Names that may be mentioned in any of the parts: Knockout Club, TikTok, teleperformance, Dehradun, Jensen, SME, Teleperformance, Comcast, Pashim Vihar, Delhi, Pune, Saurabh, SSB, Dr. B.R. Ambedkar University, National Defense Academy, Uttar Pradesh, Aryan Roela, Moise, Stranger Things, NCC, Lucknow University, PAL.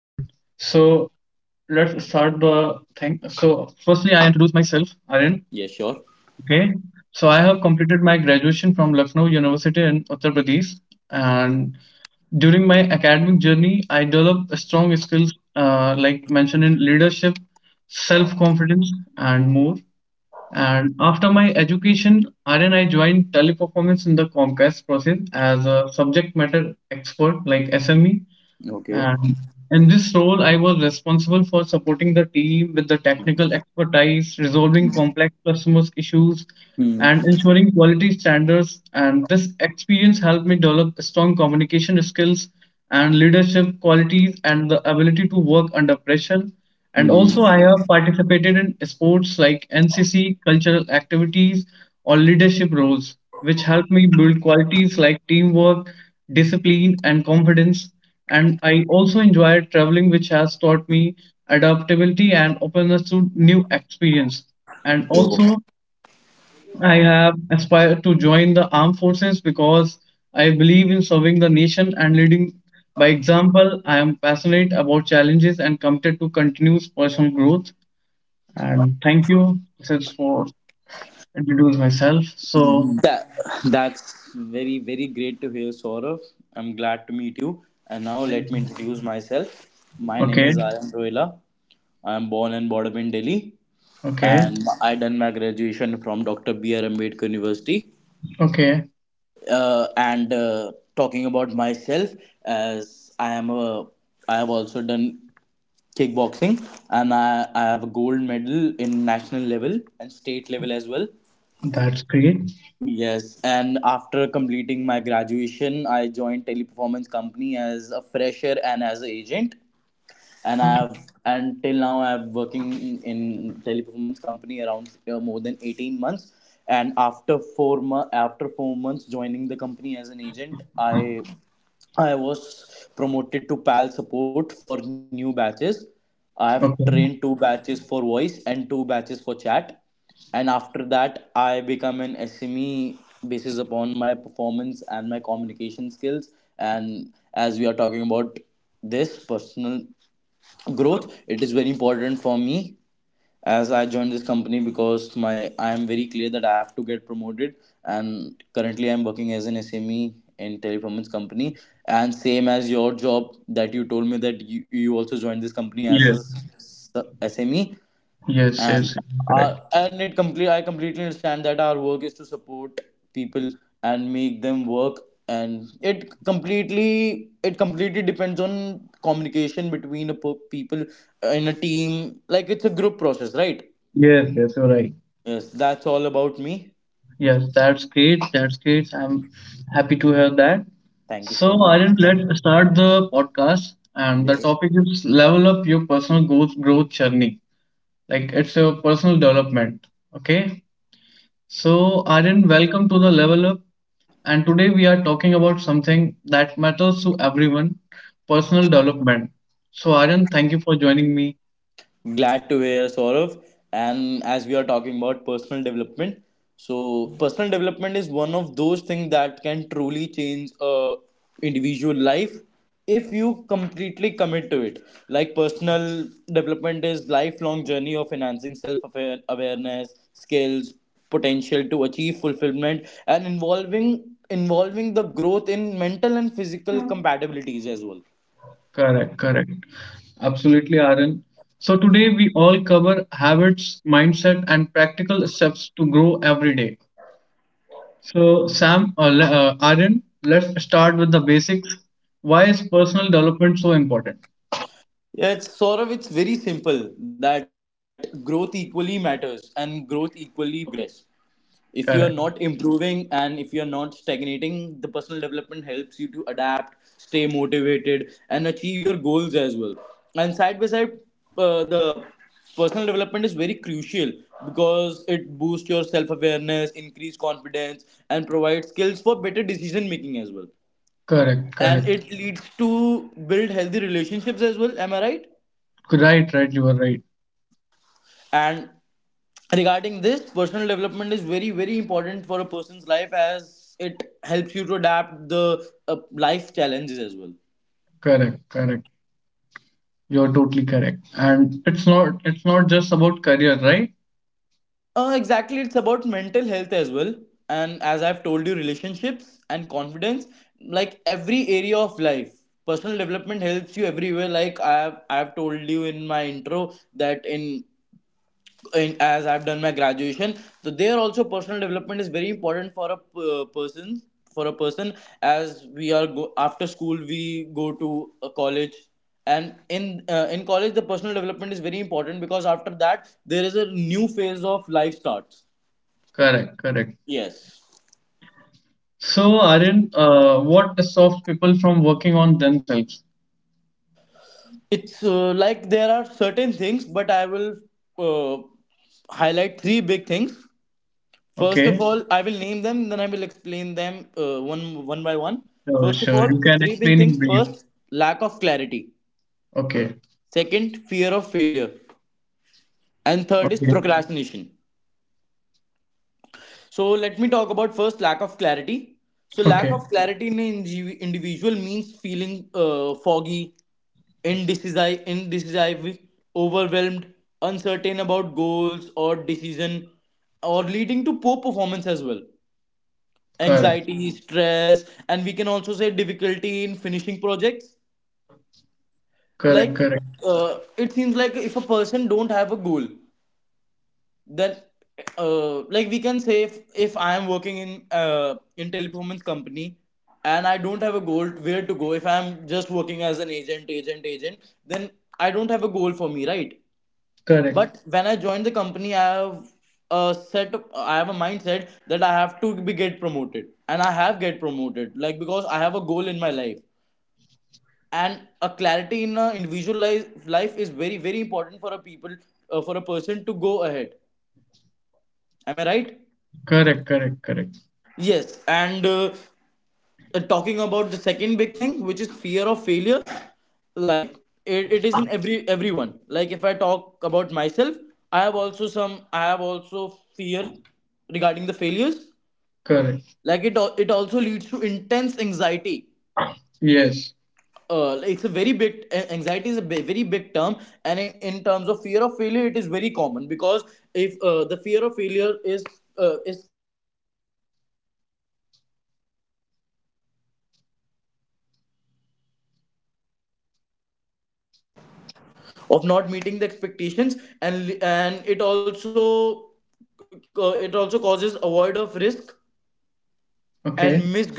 let's start the thing. So firstly, I introduce myself, Arun. Yeah, sure. Okay. So I have completed my graduation from Lucknow University in Uttar Pradesh, and during my academic journey, I developed strong skills like mentioned in leadership, self confidence, and more. And after my education, then I joined teleperformance in the Comcast process as a subject matter expert, like SME. Okay. And in this role, I was responsible for supporting the team with the technical expertise, resolving complex customers' issues, Hmm. and ensuring quality standards. And this experience helped me develop strong communication skills and leadership qualities and the ability to work under pressure. And also, I Hmm. have participated in sports like NCC, cultural activities, or leadership roles, which helped me build qualities like teamwork, discipline, and confidence. And I also enjoyed traveling, which has taught me adaptability and openness to new experience. And Oh. also, I have aspired to join the armed forces because I believe in serving the nation and leading by example. I am passionate about challenges and committed to continuous personal growth. And thank you, Sis, for introducing myself. So, That, that's very, very great to hear, Saurabh. I'm glad to meet you. And now thank let me you. introduce myself. My name Okay, is Aryan Roela. I am born and brought up in Delhi. okay, And I done my graduation from Dr. B.R. Ambedkar University. okay, And talking about myself, as I am a, I have also done kickboxing, and I have a gold medal in national level and state level as well. that's great. Yes, and after completing my graduation, I joined Teleperformance Company as a fresher and as an agent and Okay, I've and till now I've working in teleperformance company around more than 18 months, and after 4 months joining the company as an agent, I was promoted to PAL support for new batches. I have okay, trained two batches for voice and two batches for chat, and after that I become an SME basis upon my performance and my communication skills. And as we are talking about this personal growth, it is very important for me as I joined this company because my I am very clear that I have to get promoted, and currently I'm working as an SME in teleperformance company. And same as your job that you told me that you also joined this company as yes, a SME, yes, yes, yes, and our correct. and it complete I completely understand that our work is to support people and make them work, and it completely depends on communication between people in a team. Like it's a group process, right? Yes, yes, you're right. Yes, that's all about me. Yes, that's great. That's great. I'm happy to hear that. Thank you so So, much. Aryan, let's start the podcast. And the Yes, topic is level up your personal growth journey. Like it's your personal development. Okay. So, Aryan, welcome to the level up. And today we are talking about something that matters to everyone personal development. So, Aryan, thank you for joining me. glad to hear, Saurav. And as we are talking about personal development, so personal development is one of those things that can truly change a individual life if you completely commit to it. Like personal development is lifelong journey of enhancing self awareness, skills, potential to achieve fulfillment, and involving the growth in mental and physical compatibilities as well. Correct, correct. Absolutely, Aaron. So, today we all cover habits, mindset, and practical steps to grow every day. So, Aaron, let's start with the basics. Why is personal development so important? Yeah, it's sort of it's very simple that growth equally matters and growth equally progress. If you're Correct, not improving and if you're not stagnating, the personal development helps you to adapt, stay motivated, and achieve your goals as well. And side by side, the personal development is very crucial because it boosts your self awareness, increase confidence, and provides skills for better decision making as well. correct, And correct. it leads to build healthy relationships as well. Am I right? Right, right, you are right. And regarding this, personal development is very very important for a person's life as it helps you to adapt the life challenges as well. Correct, correct. You're totally correct. And it's not just about career, right? Exactly, it's about mental health as well, and as I've told you, relationships and confidence, like every area of life, personal development helps you everywhere. Like I have told you in my intro that as I've done my graduation. So there also personal development is very important for a person, for a person as after school we go to a college, and in college the personal development is very important because after that there is a new phase of life starts. Correct, correct. Yes. So, Aaron, what stops people from working on themselves? It's like there are certain things but I will uh, highlight three big things. First of Okay, all, I will name them, then I will explain them one by one. sure, First of sure. all, You can three big explain in things. brief. First, lack of clarity. Okay, Second, fear of failure. And third is okay, procrastination. So let me talk about first lack of clarity. So lack okay. of clarity in an individual means feeling foggy, indecisive, overwhelmed, uncertain about goals or decision, or leading to poor performance as well. Correct, Anxiety, stress, and we can also say difficulty in finishing projects. correct, Like, correct, it seems like if a person don't have a goal, then like we can say if I am working in teleperformance company and I don't have a goal where to go. If I'm just working as an agent, then I don't have a goal for me, right? correct, But when I joined the company, I have a set. Of, I have a mindset that I have to be get promoted, and I have get promoted. Like because I have a goal in my life, and a clarity in a individual life is very very important for a people for a person to go ahead. Am I right? correct, correct, correct, Yes, and talking about the second big thing, which is fear of failure, like it is in everyone. Like if I talk about myself, I have also fear regarding the failures. correct. Like it also leads to intense anxiety. Yes. Like, it's a very big anxiety is a very big term, and in terms of fear of failure, it is very common because if the fear of failure is Of not meeting the expectations, and it also causes avoid of risk and missed growth as Okay, well.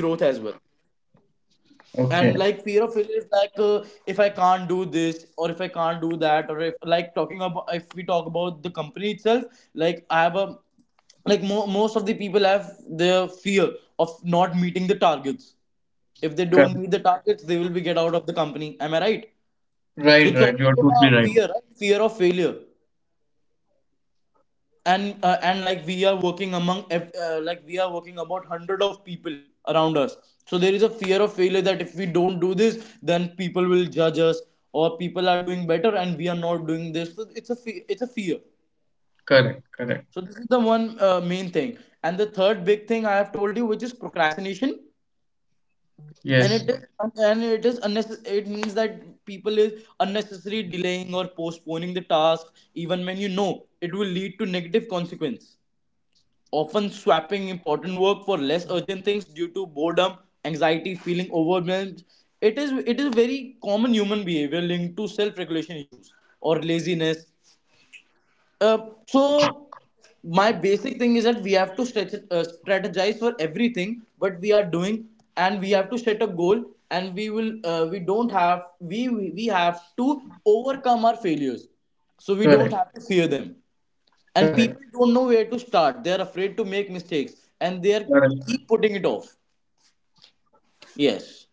And like fear okay, of failure is like, if I can't do this or if I can't do that, or if like talking about, if we talk about the company itself, like I have a like most of the people have their fear of not meeting the targets. If they don't meet correct. the targets they will be get out of the company, am I right? So Right, it's right. You're also a totally right. fear, right? Fear of failure. And and like we are working among like we are working about hundred of people around us, so there is a fear of failure that if we don't do this then people will judge us, or people are doing better and we are not doing this, so it's a it's a fear. Correct, correct. So this is the one main thing. And the third big thing I have told you, which is procrastination. and Yes, it is And it is unnecess- It means that people is unnecessary delaying or postponing the task even when you know it will lead to negative consequence, often swapping important work for less urgent things due to boredom, anxiety, feeling overwhelmed. It is very common human behavior linked to self-regulation issues or laziness. Uh, so my basic thing is that we have to strategize for everything but we are doing, and we have to set a goal. And we will we don't have we have to overcome our failures, so we don't correct, have to fear them. And correct, people don't know where to start, they're afraid to make mistakes and they're correct. keep putting it off. Yes,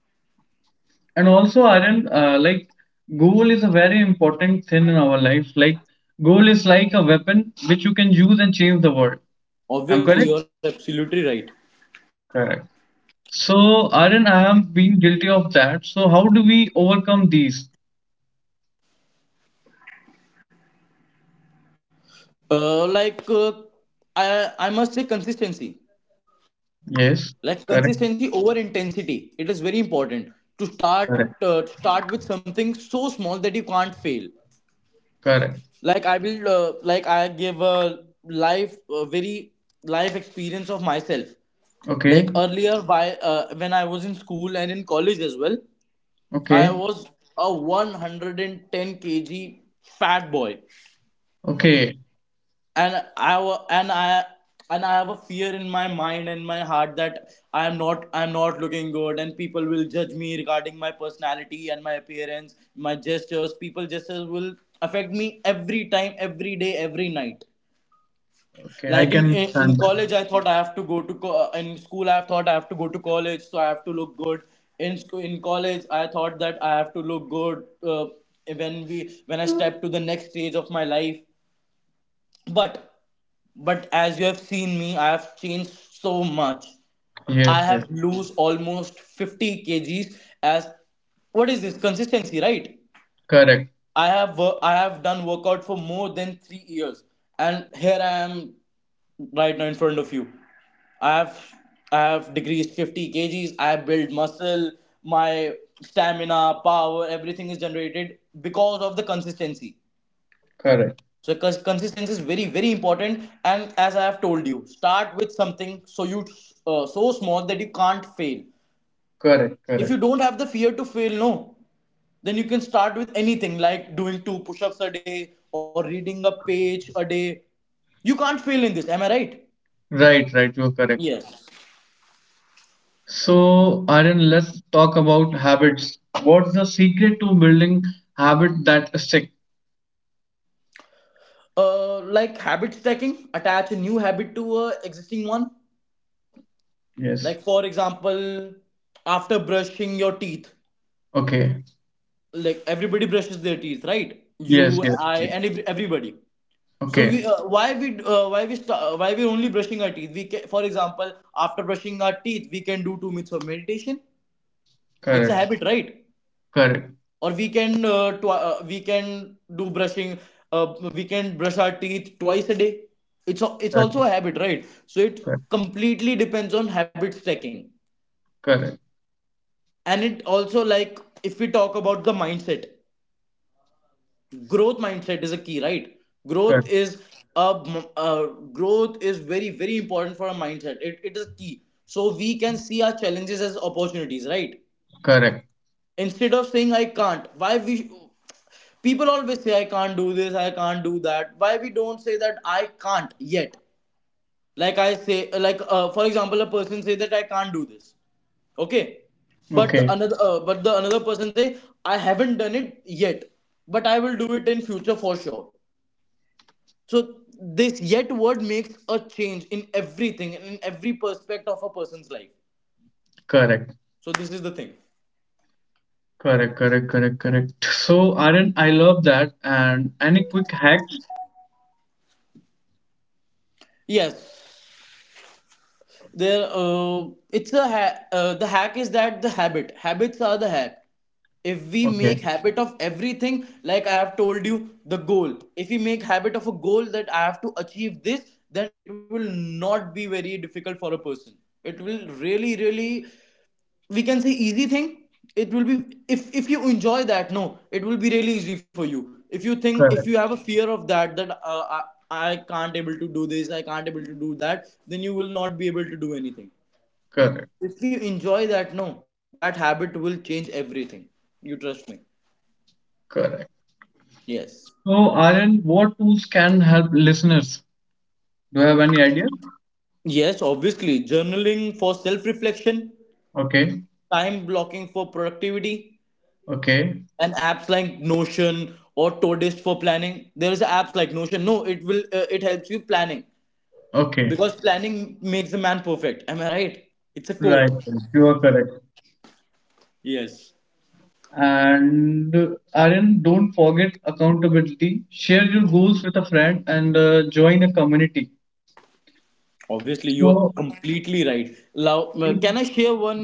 And also, Aryan, like goal is a very important thing in our life. Like goal is like a weapon which you can use and change the world. I'm correct? obviously you're absolutely right. Correct. So, Aryan, I have been guilty of that. So, how do we overcome these? Uh, like uh, i i must say consistency, Yes, like correct. consistency over intensity, it is very important. to start Correct. uh, start with something so small that you can't fail. Correct. Like I will like I give a life a very life experience of myself. Like Okay. earlier, why when I was in school and in college as well, I Okay. was a 110 kilograms fat boy, Okay. and I wa- and I have a fear in my mind and my heart that I am not looking good, and people will judge me regarding my personality and my appearance, my gestures. People gestures will affect me every time, every day, every night. Okay. I Like in, can in in understand that. college I thought I have to go to in school I thought I have to go to college, so I have to look good. In college I thought that I have to look good, when we when I step to the next stage of my life. But as you have seen me, I have changed so much. I Yes. Yes. have lose almost 50 kgs. As what is this? Consistency, right? Correct. I have done workout for more than 3 years, and here I am right now in front of you. I have I have decreased 50 kgs. I have built muscle. My stamina, power, everything is generated because of the consistency. Correct. So consistency is very very important. And as I have told you, start with something so small that you can't fail. Correct. If you Correct. don't have the fear to fail, no, then you can start with anything, like doing two push-ups a day or reading a page a day. You can't fail in this, am I right? Right. Right. You're correct. Yes, So, Aryan, let's talk about habits. What's the secret to building habit that stick? Like habit stacking, attach a new habit to a existing one. Yes. Like for example, after brushing your teeth, Okay. like everybody brushes their teeth, right? Yes. you Yes. I and ev- Everybody. So we Okay. Why we why we sta- why we are only brushing our teeth? We can, for example, after brushing our teeth we can do 2 minutes of meditation. It's a Correct. habit, right? Correct. Or we can tw- we can do brushing we can brush our teeth twice a day. It's a, it's Correct. also a habit, right? So it Correct. completely depends on habit stacking. Correct. And it also, like, if we talk about the mindset, growth mindset is a key, right? growth Correct. is a uh, growth is very very important for a mindset, it is a key. So we can see our challenges as opportunities, right? Correct. Instead of saying I can't, why we people always say I can't do this, I can't do that. Why we don't say that I can't yet? Like I say, for example, a person say that I can't do this, okay? But the Okay. another but the another person say I haven't done it yet, but I will do it in future for sure. So this yet word makes a change in everything, in every perspective of a person's life. Correct. So this is the thing. Correct. Correct. Correct. Correct. So, Aryan, I love that. And any quick hacks? Yes, the hack is that the habits are the hack. If we Okay. make habit of everything, like I have told you, the goal, if we make habit of a goal that I have to achieve this, then it will not be very difficult for a person. It will really really, we can say, easy thing. It will be, if you enjoy that, no, it will be really easy for you. If you think, if you Correct. have a fear of that, that I, I can't able to do this, I can't able to do that, then you will not be able to do anything. Correct, If you enjoy that, no, that habit will change everything. You trust me? correct. Yes. So, Aryan, what tools can help listeners? Do you have any idea? Yes, obviously. Journaling for self reflection, Okay, time blocking for productivity, okay, and apps like Notion or Todoist for planning. There's apps like Notion, no, it will, it helps you planning. okay. Because planning makes a man perfect, am I right? It's a quote. Right, you are correct. Yes, And Aryan, don't forget accountability. Share your goals with a friend and join a community. obviously, you are So, completely right. Now,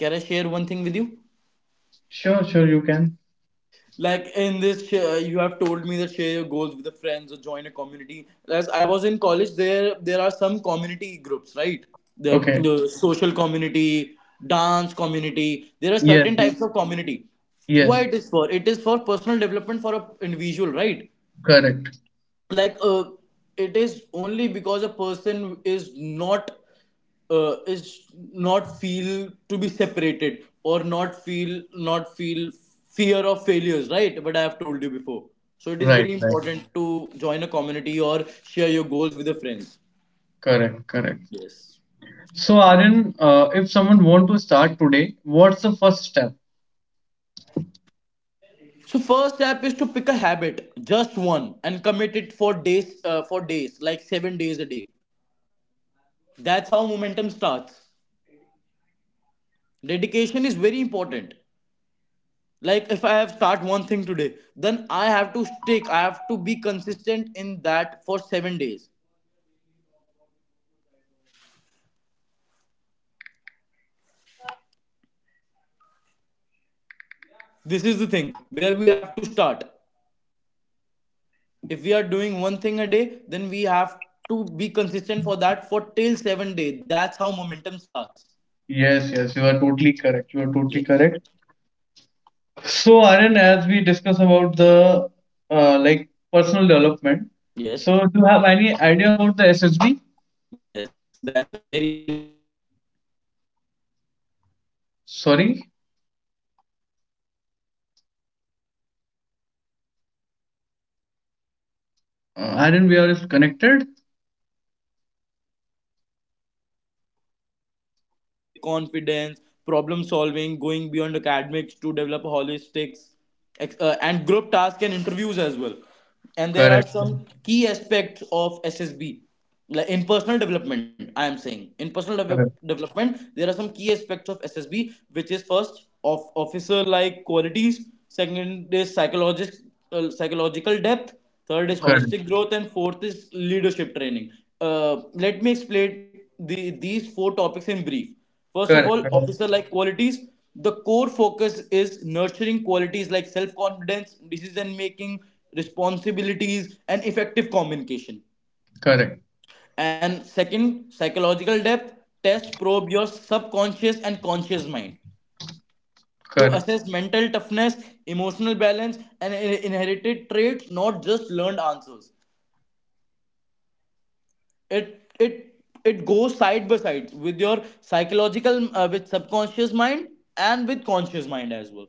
can I share one thing with you? sure, sure, you can. Like in this, share, you have told me that share your goals with the friends or join a community. As I was in college, there are some community groups, right? Okay. The social community, dance community. There are Yes, certain yes, types of community. Why yes. it is for? It is for personal development for a individual, right? Correct. like uh, it is only because a person is not feel to be separated or not feel not feel fear of failures, right? But I have told you before. So it is Right, very right. important to join a community or share your goals with your friends. Correct, correct. Yes, So, Aryan, if someone want to start today, what's the first step? so first step is to pick a habit, just one, and commit it for days, like 7 days a day. That's how momentum starts. Dedication is very important. Like if I have start one thing today, then I have to stick, I have to be consistent in that for 7 days. This is the thing where we have to start. If we are doing one thing a day, then we have to be consistent for that for till 7 days. That's how momentum starts. Yes, yes, you are totally correct. You are totally Yes. correct. So, Aryan, as we discuss about the like personal development, Yes, so do you have any idea about the SSB? yes, that's a very very good topic. SSB. SSB stands for service Sorry, selection board, right? And it especially in Indian armed forces, Aryan, we are connected. in like rigorous personality assessments, focus on officer like qualities, like leadership, confidence, problem solving, going beyond academics to develop holistics, and group tasks and interviews as well. And there are Correct, some key aspects of SSB, like in personal development, I am saying, in personal correct, development, there are some key aspects of SSB, which is first of officer like qualities, second is psychologist psychological depth, third is correct, holistic growth, and fourth is leadership training. uh, let me explain the, these four topics in brief. First of all, correct, officer like qualities. The core focus is nurturing qualities like self confidence, decision making, responsibilities, and effective communication. correct, correct, And second, psychological depth, test probe your subconscious and conscious mind to correct, assess mental toughness, emotional balance, and inherited traits, not just learned answers. It it it goes side by side with your psychological, with subconscious mind and with conscious mind as well.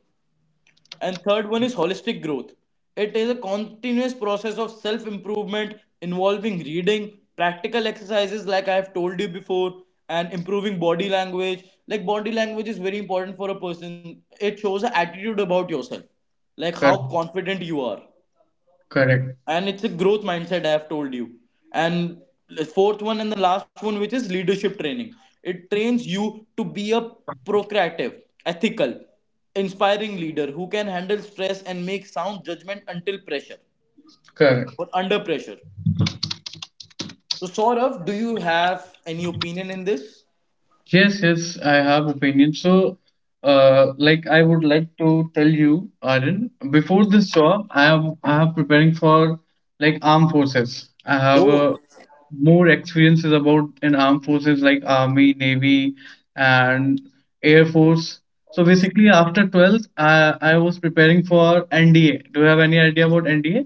And third one is holistic growth. It is a continuous process of self improvement, involving reading, practical exercises, like I have told you before, and improving body language. Like, body language is very important for a person, it shows an attitude about yourself, like how correct, confident you are. correct. And it's a growth mindset, I have told you. And the fourth one and the last one, which is leadership training. It trains you to be a procreative, ethical, inspiring leader who can handle stress and make sound judgment until pressure, Correct. or under pressure. So Saurav, do you have any opinion in this? Yes, yes, I have opinion. So, like I would like to tell you, Arun, before this job, I have preparing for like armed forces. I have Oh. More experiences about in armed forces like army, navy, and air force. So basically, after 12th, I was preparing for NDA. Do you have any idea about NDA?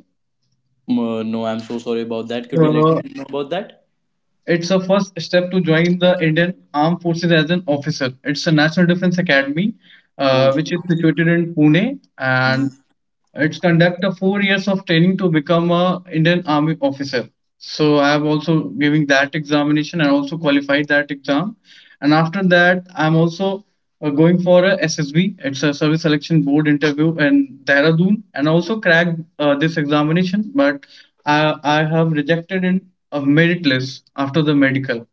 No, I'm so sorry about that, could you let me So know about that? it's a first step to join the Indian Armed Forces as an officer. It's a National Defense Academy, Oh. Which is situated in Pune, and Hmm. it's conduct a 4 years of training to become a Indian Army officer. So I have also giving that examination and also qualified that exam, and after that I'm also going for a SSB. It's a service selection board interview in Dehradun, and also cracked this examination. But I have rejected in a merit list after the medical.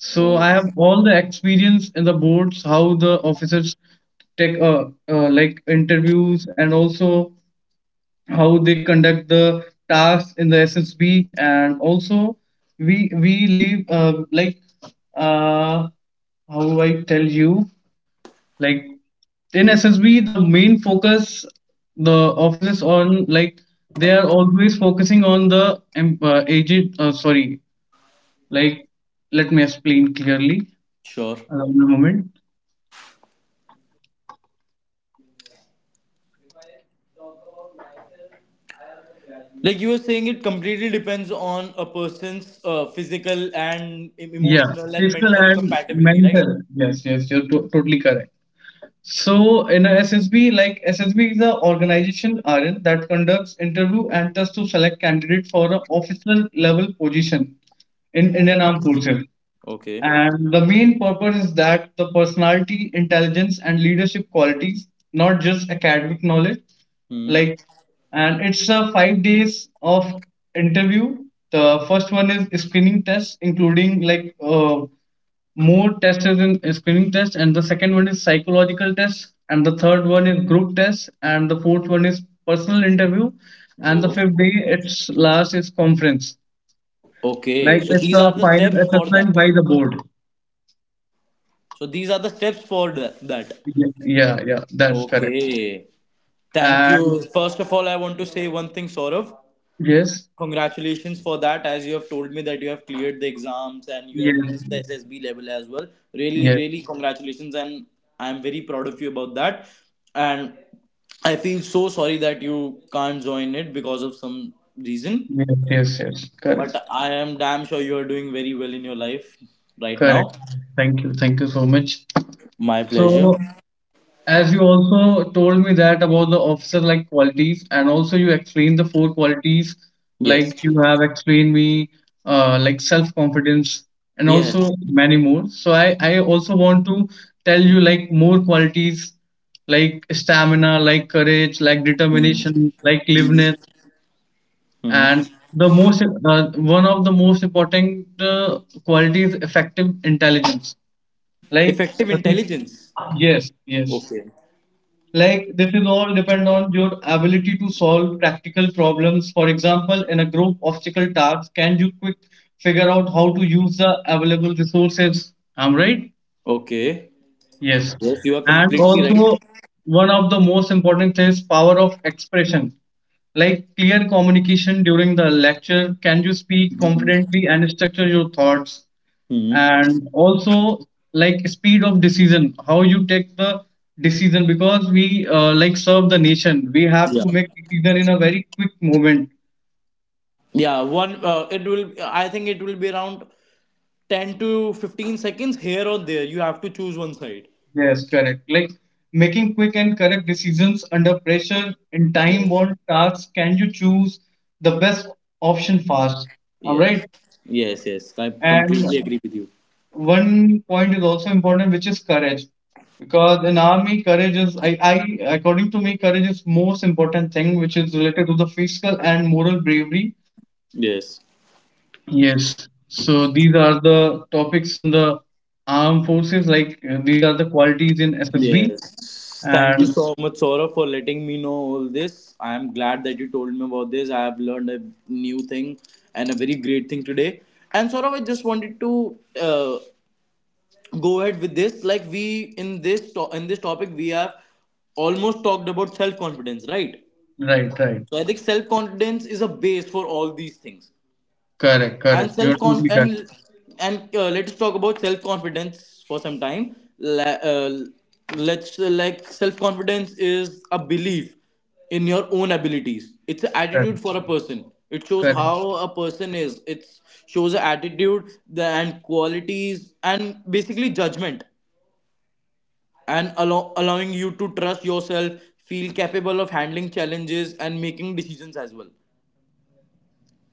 So I Oh, have all the experience in the boards, how the officers take like interviews, and also how they conduct the tasks in the SSB, and also we leave uh, how I tell you, like in SSB the main focus, the offices on, like they are always focusing on the agent, sorry, like let me explain clearly, sure. allow me a moment. Like you were saying, it completely depends on a person's physical and Yeah, emotional and physical mental and compatibility, right? mental, yes, yes, you're totally correct. So in a SSB, like SSB is a organization rn that conducts interview and tests to select candidate for an officer level position in Indian armed forces. Okay. And the main purpose is that the personality, intelligence, and leadership qualities, not just academic knowledge, Hmm. like and it's a 5 days of interview. The first one is screening test, including like more tests is in screening test, and the second one is psychological test, and the third one is group test, and the fourth one is personal interview, and the Yo. fifth day its last is conference. Okay. Like So it's these a are the final steps for assessment that. by the board. So these are the steps for that. Yeah, yeah, yeah, that's correct. Okay. Thank And you. First of all, I want to say one thing, Saurav. yes, Congratulations for that, as you have told me that you have cleared the exams and you have yes, reached the SSB level as well. Really, yes, really congratulations, and I'm very proud of you about that. And I feel so sorry that you can't join it because of some reason, yes, yes, yes, but correct, I am damn sure you are doing very well in your life right correct. now. Thank you so much. My pleasure. So, as you also told me that about the officer like qualities, and also you explained the four qualities, Yes. like you have explained me, like self confidence, and Yes. also many more. So, I also want to tell you like more qualities like stamina, like courage, like Mhm. determination, like liveness Mhm. and the most one of the most important quality is effective intelligence, like Effective uh, this- intelligence. yes, yes, Okay. like this is all depend on your ability to solve practical problems, for example in a group obstacle task, can you quick figure out how to use the available resources, I'm right? Okay. Yes. Yes, you are And completely right. also, one of the most important things power of expression. Like clear communication during the lecture, can you speak confidently and structure your thoughts? Hmm. And also, like speed of decision, how you take the decision because we like serve the nation. We have Yeah. to make decision in a very quick moment. Yeah, one. It will. I think it will be around 10 to 15 seconds here or there. You have to choose one side. Yes, correct. Like making quick and correct decisions under pressure in Yes. time-bound tasks, can you choose the best option fast? All Yes. right. Yes. Yes, I And completely agree with you. one point is also important, which is courage. Because in army, courage is I according to me, courage is most important thing which is related to the physical and moral bravery. Yes. Yes. So these are the topics in the armed forces, like these are the qualities in SSB, Yes. Thank you and so much, Saurabh, for letting me know all this. I am glad that you told me about this. I have learned a new thing and a very great thing today. And Saurabh, I just wanted to go ahead with this. Like, we in in this topic, we have almost talked about self confidence, right? right, right. So I think self confidence is a base for all these things. Correct, And correct. You're self con totally correct, and and let us talk about self confidence for some time. La- let's Like, self confidence is a belief in your own abilities. It's an correct, attitude for a person. It shows correct. how a person is. It shows an attitude, the, and qualities and basically judgment and allowing you to trust yourself, feel capable of handling challenges and making decisions as well.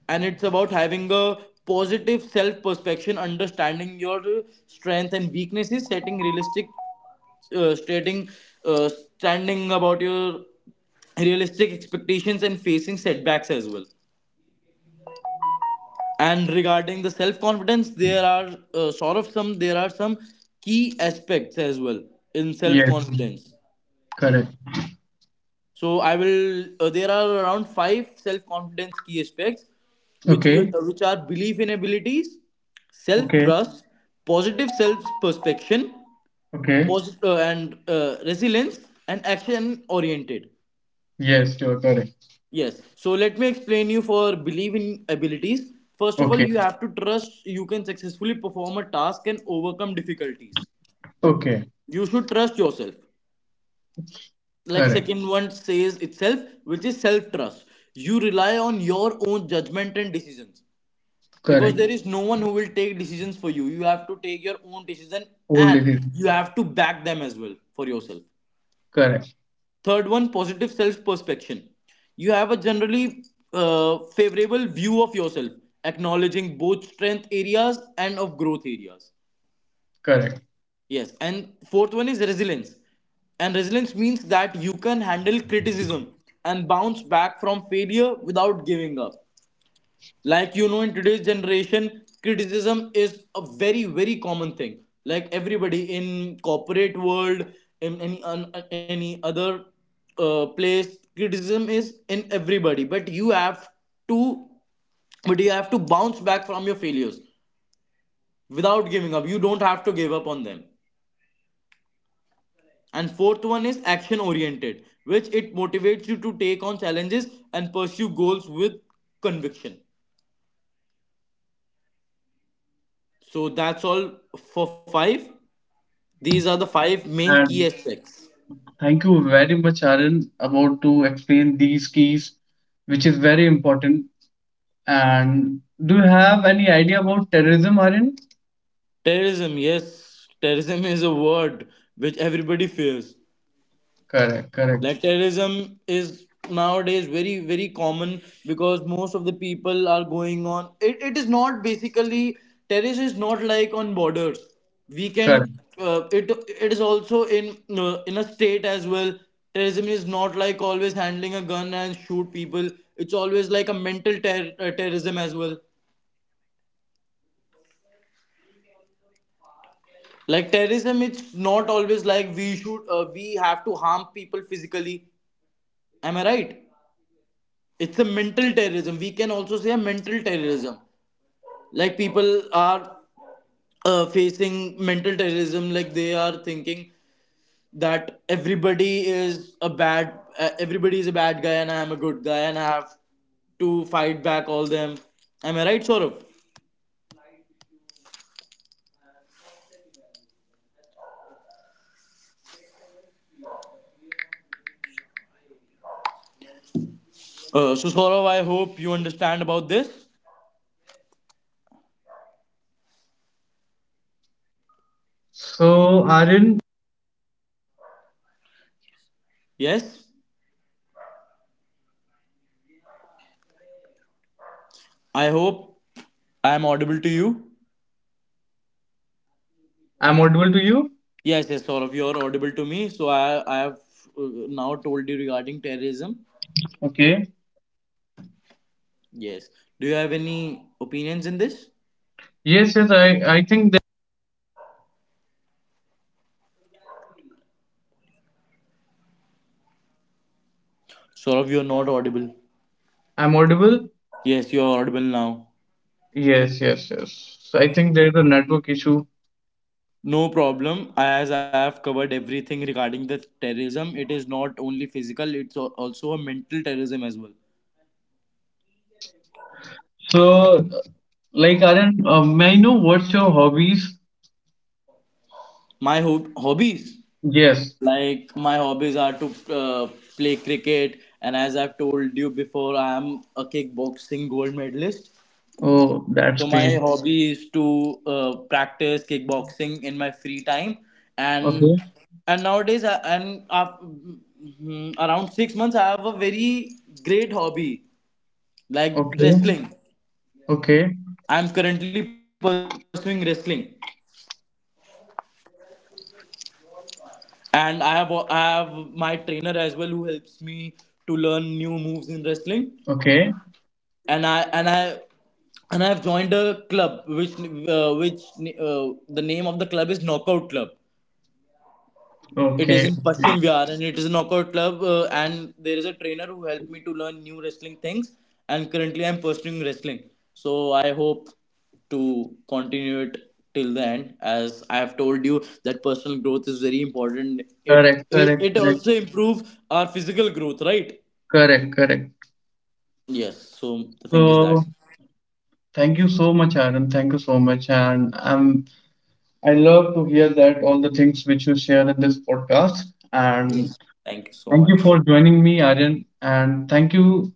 And it's about having a positive self perception, understanding your strengths and weaknesses, setting realistic stating uh, standing about your realistic expectations and facing setbacks as well. And regarding the self confidence, there are sort of some there are some key aspects as well in self Yes, confidence. correct. So I will. There are around five self-confidence key aspects, which will, Okay, which are belief in abilities, okay, self-trust, positive self-perspection, okay. And resilience, and action-oriented. Yes, you're correct. Yes. So let me explain you for belief in abilities. First of all, Okay, you have to trust you can successfully perform a task and overcome difficulties. okay, You should trust yourself. Like, correct, second one says itself, which is self trust. You rely on your own judgment and decisions, because there correct. is no one who will take decisions for you. You have to take your own decision, Old and disease. you have to back them as well for yourself. Correct, Third one, positive self perspection. You have a generally favorable view of yourself, acknowledging both strength areas and of growth areas. correct. Yes, and fourth one is resilience. And resilience means that you can handle criticism and bounce back from failure without giving up. Like, you know, in today's generation, criticism is a very very common thing. Like, everybody in corporate world, in any other place, criticism is in everybody. To, but you have to bounce back from your failures without giving up. You don't have to give up on them. And fourth one is action oriented, which it motivates you to take on challenges and pursue goals with conviction. So that's all for five. These are the five main And key aspects. thank you very much, Aaron, about to explain these keys, which is very important. And do you have any idea about terrorism, Aaron? Terrorism, yes, terrorism is a word which everybody fears. Correct, correct, Like, terrorism is nowadays very very common, because most of the people are going on it. It is not basically, terrorism is not like on borders, we correct. can it it is also in a state as well. Terrorism is not like always handling a gun and shoot people. It's always like a terrorism as well. Like, terrorism, it's not always like we should we have to harm people physically, am I right? It's a mental terrorism, we can also say a mental terrorism. Like, people are facing mental terrorism. Like, they are thinking that everybody is a bad guy and I am a good guy and I have to fight back all them, am I right, Saurav? So Saurav, I hope you understand about this. So, Aaron, Yes, I hope I am audible to you. I'm audible to you. Yes, yes, Saurav, you are audible to me. So I have now told you regarding terrorism. Okay. Yes. Do you have any opinions in this? Yes, yes, I think Saurav, you're not audible. that I'm audible. Yes, you're audible now. Yes, yes, yes. So I think there is a network issue. No problem. As I have covered everything regarding the terrorism, it is not only physical, it's also a mental terrorism as well. So, like, Aryan, may I know what's your hobbies? My hobbies, Yes. like my hobbies are to play cricket, and as I've told you before, I am a kickboxing gold medalist. Oh, that's So my great. hobby is to practice kickboxing in my free time, and Okay, and nowadays I, and af- mm, around 6 months I have a very great hobby like okay, wrestling. okay, I'm currently pursuing wrestling, and I have my trainer as well who helps me to learn new moves in wrestling, okay, and I have joined a club which uh, which the name of the club is Knockout Club. It is okay. in Pashim Vihar and it is a knockout club. And there is a trainer who helped me to learn new wrestling things. And currently, I'm pursuing wrestling. So I hope to continue it till the end. As I have told you, that personal growth is very important. Correct, correct, It correct, also improves our physical growth, right? correct, correct. Yes. So the thing is that. So, thank you so much, Aryan. Thank you so much. And I love to hear that all the things which you share in this podcast. And Yes. Thank you so thank you much. for joining me, Aryan. And thank you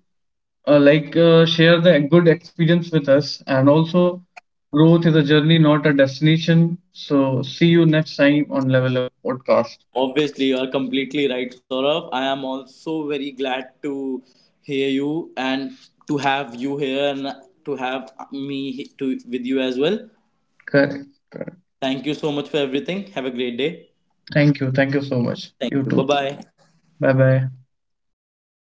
share the good experience with us and also growth is a journey not a destination, so see you next time on level up podcast. Obviously, you are completely right, Saurabh. I am also very glad to hear you and to have you here and to have me to, with you as well. Correct, correct, Thank you so much for everything. Have a great day. thank you, thank you so much, Thank you you. too, Bye bye. bye bye.